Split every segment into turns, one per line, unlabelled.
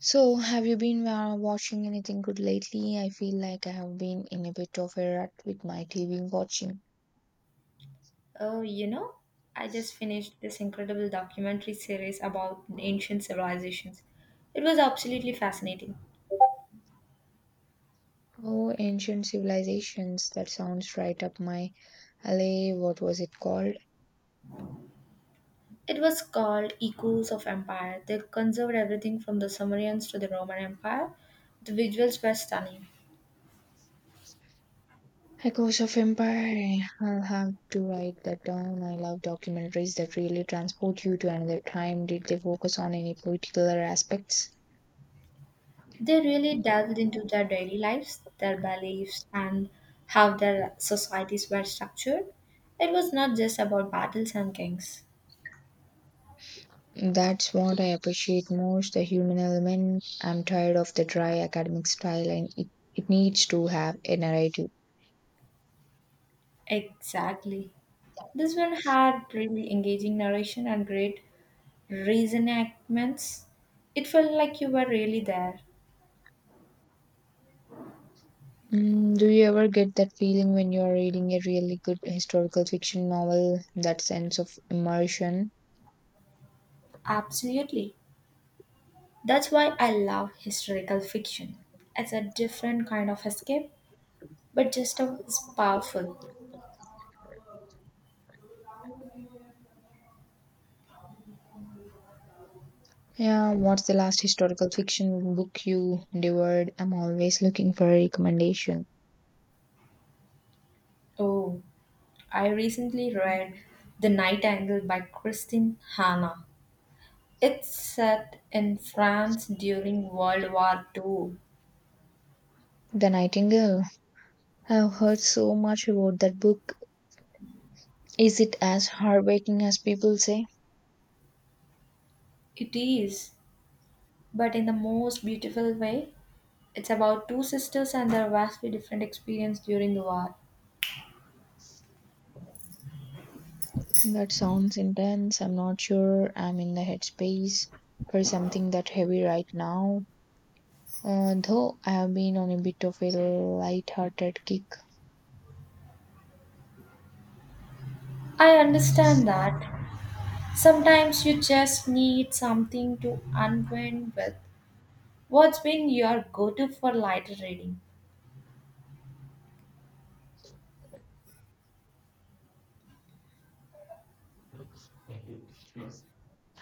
So, have you been watching anything good lately? I feel like I have been in a bit of a rut with my TV watching.
Oh, you know, I just finished this incredible documentary series about ancient civilizations. It was absolutely fascinating.
Oh, Ancient Civilizations, that sounds right up my alley. What was it called?
It was called Echoes of Empire. They conserved everything from the Sumerians to the Roman Empire. The visuals were stunning.
Echoes of Empire. I'll have to write that down. I love documentaries that really transport you to another time. Did they focus on any particular aspects?
They really delved into their daily lives, their beliefs, and how their societies were structured. It was not just about battles and kings.
That's what I appreciate most the human element. I'm tired of the dry academic style and it needs to have a narrative.
Exactly. This one had really engaging narration and great reenactments, it felt like you were really there.
Mm, do you ever get that feeling when you're reading a really good historical fiction novel, that sense of immersion?
Absolutely. That's why I love historical fiction. It's a different kind of escape, but just as powerful.
Yeah, what's the last historical fiction book you devoured? I'm always looking for a recommendation.
Oh, I recently read The Night Angle by Christine Hanna. It's set in France during World War II.
The Nightingale. I've heard so much about that book. Is it as heartbreaking as people say?
It is, but in the most beautiful way. It's about two sisters and their vastly different experience during the war.
That sounds intense. I'm not sure I'm in the headspace for something that heavy right now. Though I have been on a bit of a light-hearted kick.
I understand that. Sometimes you just need something to unwind with. What's been your go to for lighter reading?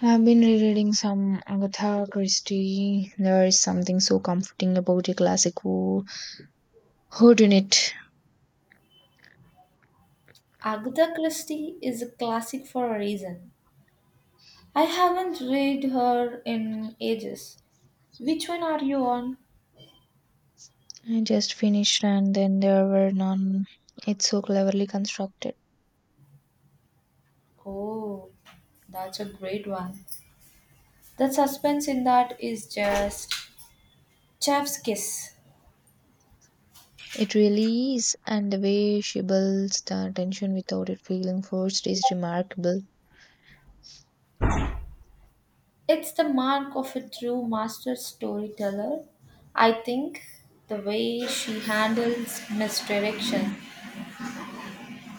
I've been rereading some Agatha Christie. There is something so comforting about a classic whodunit.
Agatha Christie is a classic for a reason. I haven't read her in ages. Which one are you on?
I just finished, And Then There Were None. It's so cleverly constructed.
Oh, that's a great one. The suspense in that is just chef's kiss.
It really is, and the way she builds the tension without it feeling forced is remarkable.
It's the mark of a true master storyteller. I think the way she handles misdirection.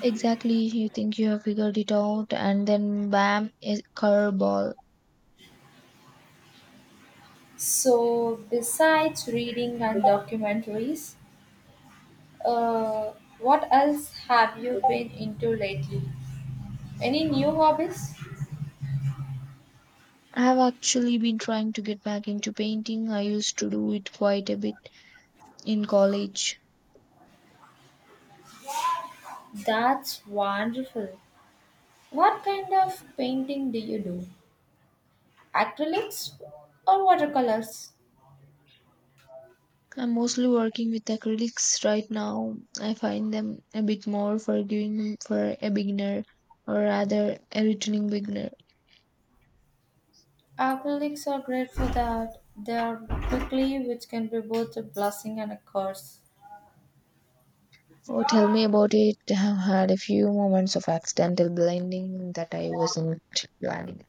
Exactly, you think you have figured it out, and then bam, a curveball.
So, besides reading and documentaries, uh, what else have you been into lately? Any new hobbies?
I have actually been trying to get back into painting. I used to do it quite a bit in college.
That's wonderful. What kind of painting do you do? Acrylics or watercolors?
I'm mostly working with acrylics right now. I find them a bit more forgiving for a beginner, or rather, a returning beginner.
Alcoholics are great for that. They are quickly, which can be both a blessing and a curse.
Oh, tell me about it. I have had a few moments of accidental blinding that I wasn't planning.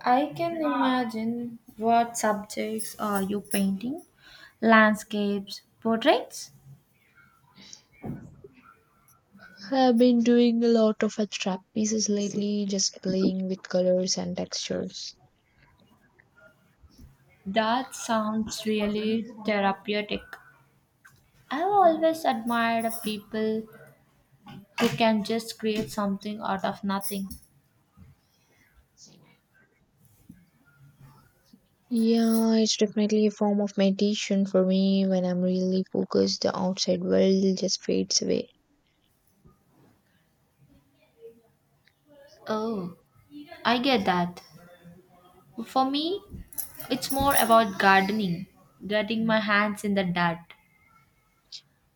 I can imagine what subjects are you painting? Landscapes, portraits?
I've been doing a lot of abstract pieces lately, just playing with colors and textures.
That sounds really therapeutic. I've always admired people who can just create something out of nothing.
Yeah, it's definitely a form of meditation for me. When I'm really focused, the outside world just fades away.
Oh, I get that. For me, it's more about gardening, getting my hands in the dirt.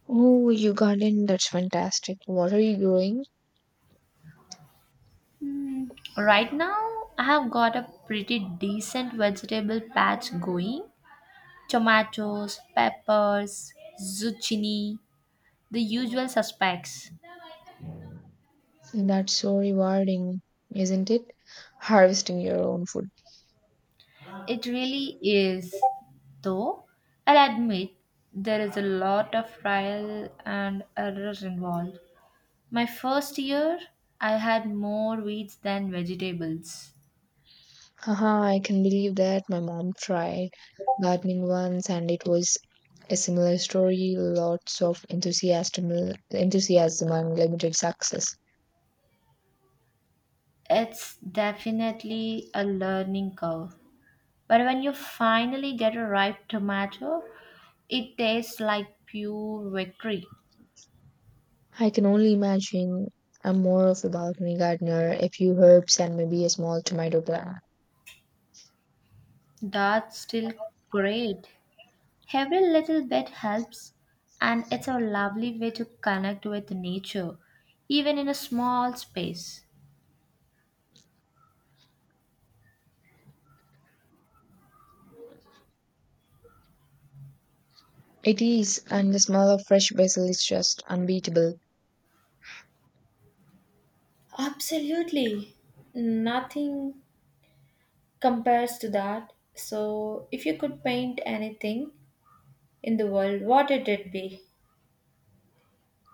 Oh, you garden, that's fantastic. What are you growing?
Hmm. Right now, I have got a pretty decent vegetable patch going. Tomatoes, peppers, zucchini, the usual suspects.
That's so rewarding, isn't it? Harvesting your own food.
It really is, though. I'll admit there is a lot of trial and error involved. My first year, I had more weeds than vegetables.
Haha, I can believe that. My mom tried gardening once and it was a similar story, lots of enthusiasm, enthusiasm and limited success.
It's definitely a learning curve. But when you finally get a ripe tomato, it tastes like pure victory.
I can only imagine I'm more of a balcony gardener, a few herbs and maybe a small tomato plant.
That's still great. Every little bit helps, and it's a lovely way to connect with nature, even in a small space.
It is, and the smell of fresh basil is just unbeatable.
Absolutely. Nothing compares to that. So, if you could paint anything in the world, what would it be?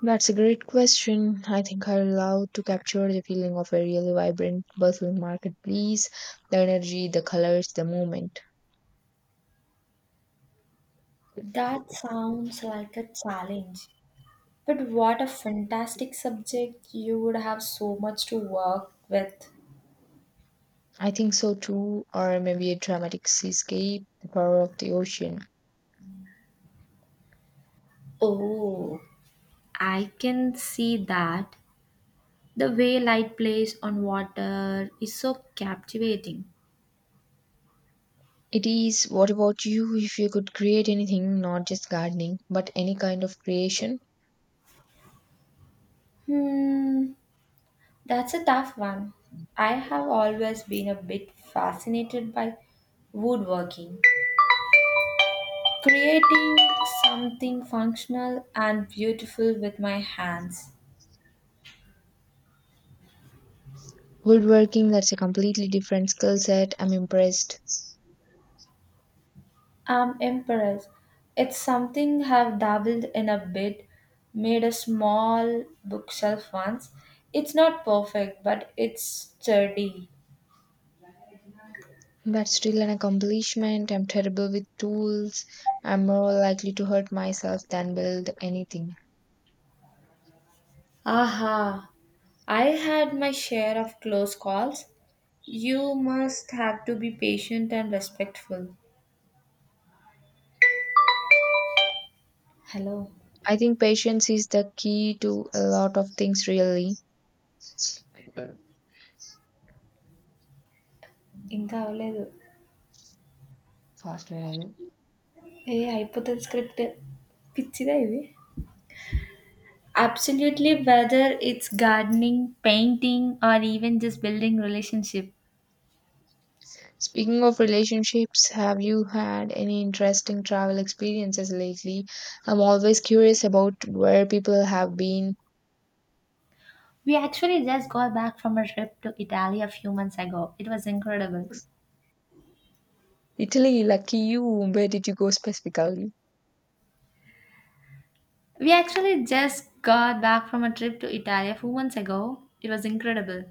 That's a great question. I think I'd love to capture the feeling of a really vibrant basil marketplace, the energy, the colors, the moment.
That sounds like a challenge. But what a fantastic subject. You would have so much to work with.
I think so too, or maybe a dramatic seascape, the power of the ocean.
Oh, I can see that. The way light plays on water is so captivating.
It is, what about you? If you could create anything, not just gardening, but any kind of creation?
Hmm, that's a tough one. I have always been a bit fascinated by woodworking, creating something functional and beautiful with my hands.
Woodworking, that's a completely different skill set. I'm impressed.
I'm impressed. It's something I've dabbled in a bit, made a small bookshelf once. It's not perfect, but it's sturdy.
That's still an accomplishment. I'm terrible with tools. I'm more likely to hurt myself than build anything.
Aha, I had my share of close calls. You must have to be patient and respectful. Hello
I think patience is the key to a lot of things, really.
ఇంకా అవ్వలేదు
Faster.
ఏ అయిపోతుంది script పిచ్చిదా ఇది absolutely, whether it's gardening, painting, or even just building relationship.
Speaking of relationships, have you had any interesting travel experiences lately? I'm always curious about where people have been.
We actually just got back from a trip to Italy a few months ago. It was incredible.
Italy, lucky you. Where did you go specifically?
We actually just got back from a trip to Italy a few months ago. It was incredible.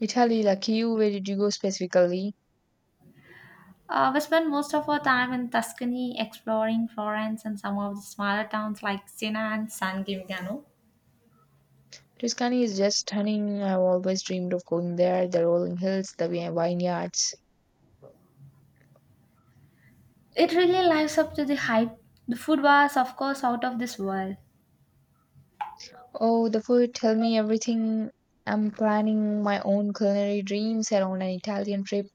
Italy, lucky you. Where did you go specifically?
We spent most of our time in Tuscany, exploring Florence and some of the smaller towns like Siena and San Gimignano.
Tuscany is just stunning. I've always dreamed of going there. The rolling hills, the vineyards.
It really lives up to the hype. The food was, of course, out of this world.
Oh, the food. Tell me everything. I'm planning my own culinary dreams around an Italian trip.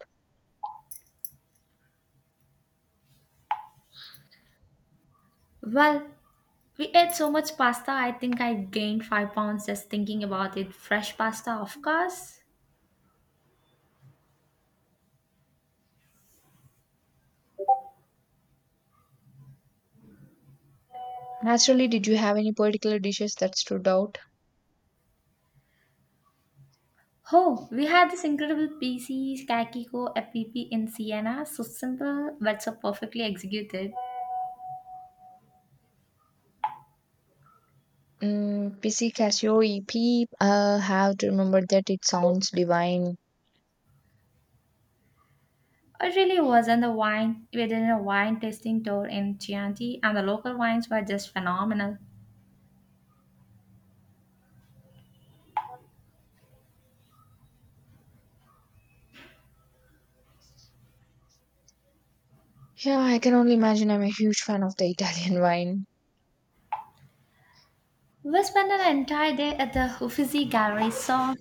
Well, we ate so much pasta, I think I gained 5 pounds just thinking about it. Fresh pasta, of course.
Naturally, did you have any particular dishes that stood out?
Oh, we had this incredible PC Kakiko app in Siena, so simple but so perfectly executed.
Mm, PC Cassiope. Have to remember that it sounds divine.
It really was, and the wine, we did a wine tasting tour in Chianti, and the local wines were just phenomenal.
Yeah, I can only imagine. I'm a huge fan of the Italian wine.
We spent an entire day at the Uffizi Gallery, saw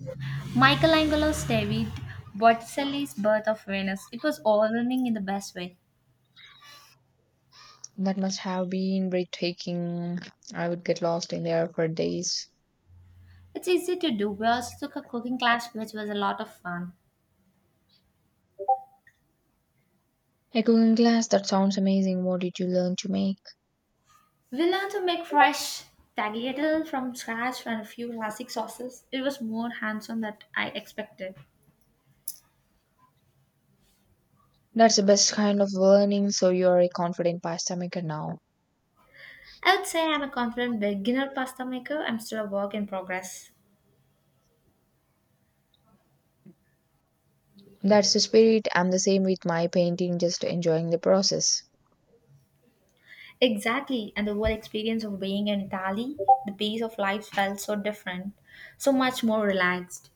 Michelangelo's David, Botticelli's Birth of Venus. It was overwhelming in the best way.
That must have been breathtaking. I would get lost in there for days.
It's easy to do. We also took a cooking class, which was a lot of fun.
A cooking class. That sounds amazing. What did you learn to make?
We learned to make fresh tagliatelle from scratch and a few classic sauces. It was more hands-on than I expected.
That's the best kind of learning. So you're a confident pasta maker now.
I would say I'm a confident beginner pasta maker. I'm still a work in progress.
That's the spirit. I'm the same with my painting. Just enjoying the process.
Exactly, and the whole experience of being in Italy, the pace of life felt so different, so much more relaxed.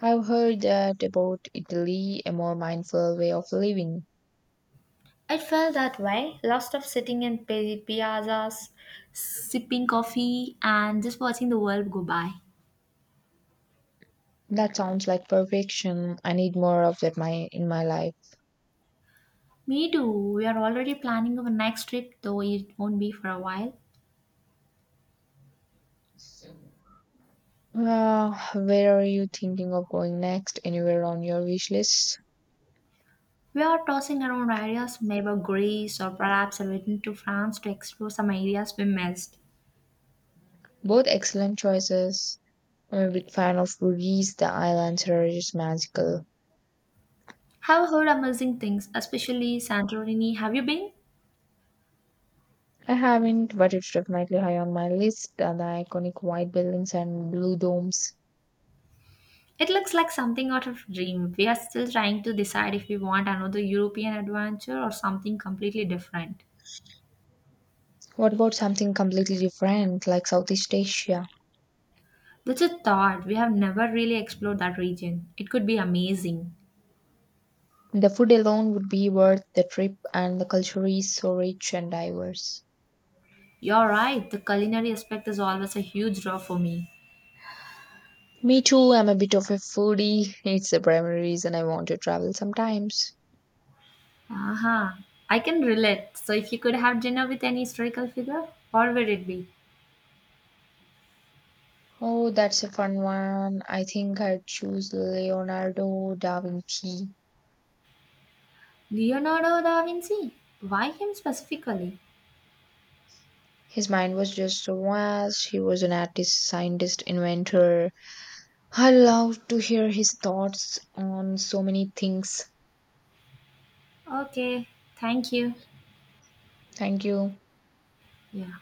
I've heard that about Italy, a more mindful way of living.
It felt that way, lots of sitting in piazzas, sipping coffee, and just watching the world go by.
That sounds like perfection. I need more of that my in my life.
Me too. We are already planning our next trip, though it won't be for a while.
Where are you thinking of going next? Anywhere on your wish list?
We are tossing around ideas, maybe Greece or perhaps a return to France to explore some areas we missed.
Both excellent choices. I'm a big fan of Rudy's. The island here is magical.
Have heard amazing things, especially Santorini. Have you been?
I haven't, but it's definitely high on my list. The iconic white buildings and blue domes.
It looks like something out of dream. We are still trying to decide if we want another European adventure or something completely different.
What about something completely different, like Southeast Asia?
That's a thought. We have never really explored that region. It could be amazing.
The food alone would be worth the trip, and the culture is so rich and diverse.
You're right. The culinary aspect is always a huge draw for me.
Me too, I'm a bit of a foodie. It's the primary reason I want to travel sometimes.
Aha, I can relate. So, if you could have dinner with any historical figure, what would it be?
Oh, that's a fun one. I think I'd choose Leonardo da Vinci.
Leonardo da Vinci? Why him specifically?
His mind was just so vast. He was an artist, scientist, inventor. I love to hear his thoughts on so many things.
Okay, thank you.
Thank you.
Yeah.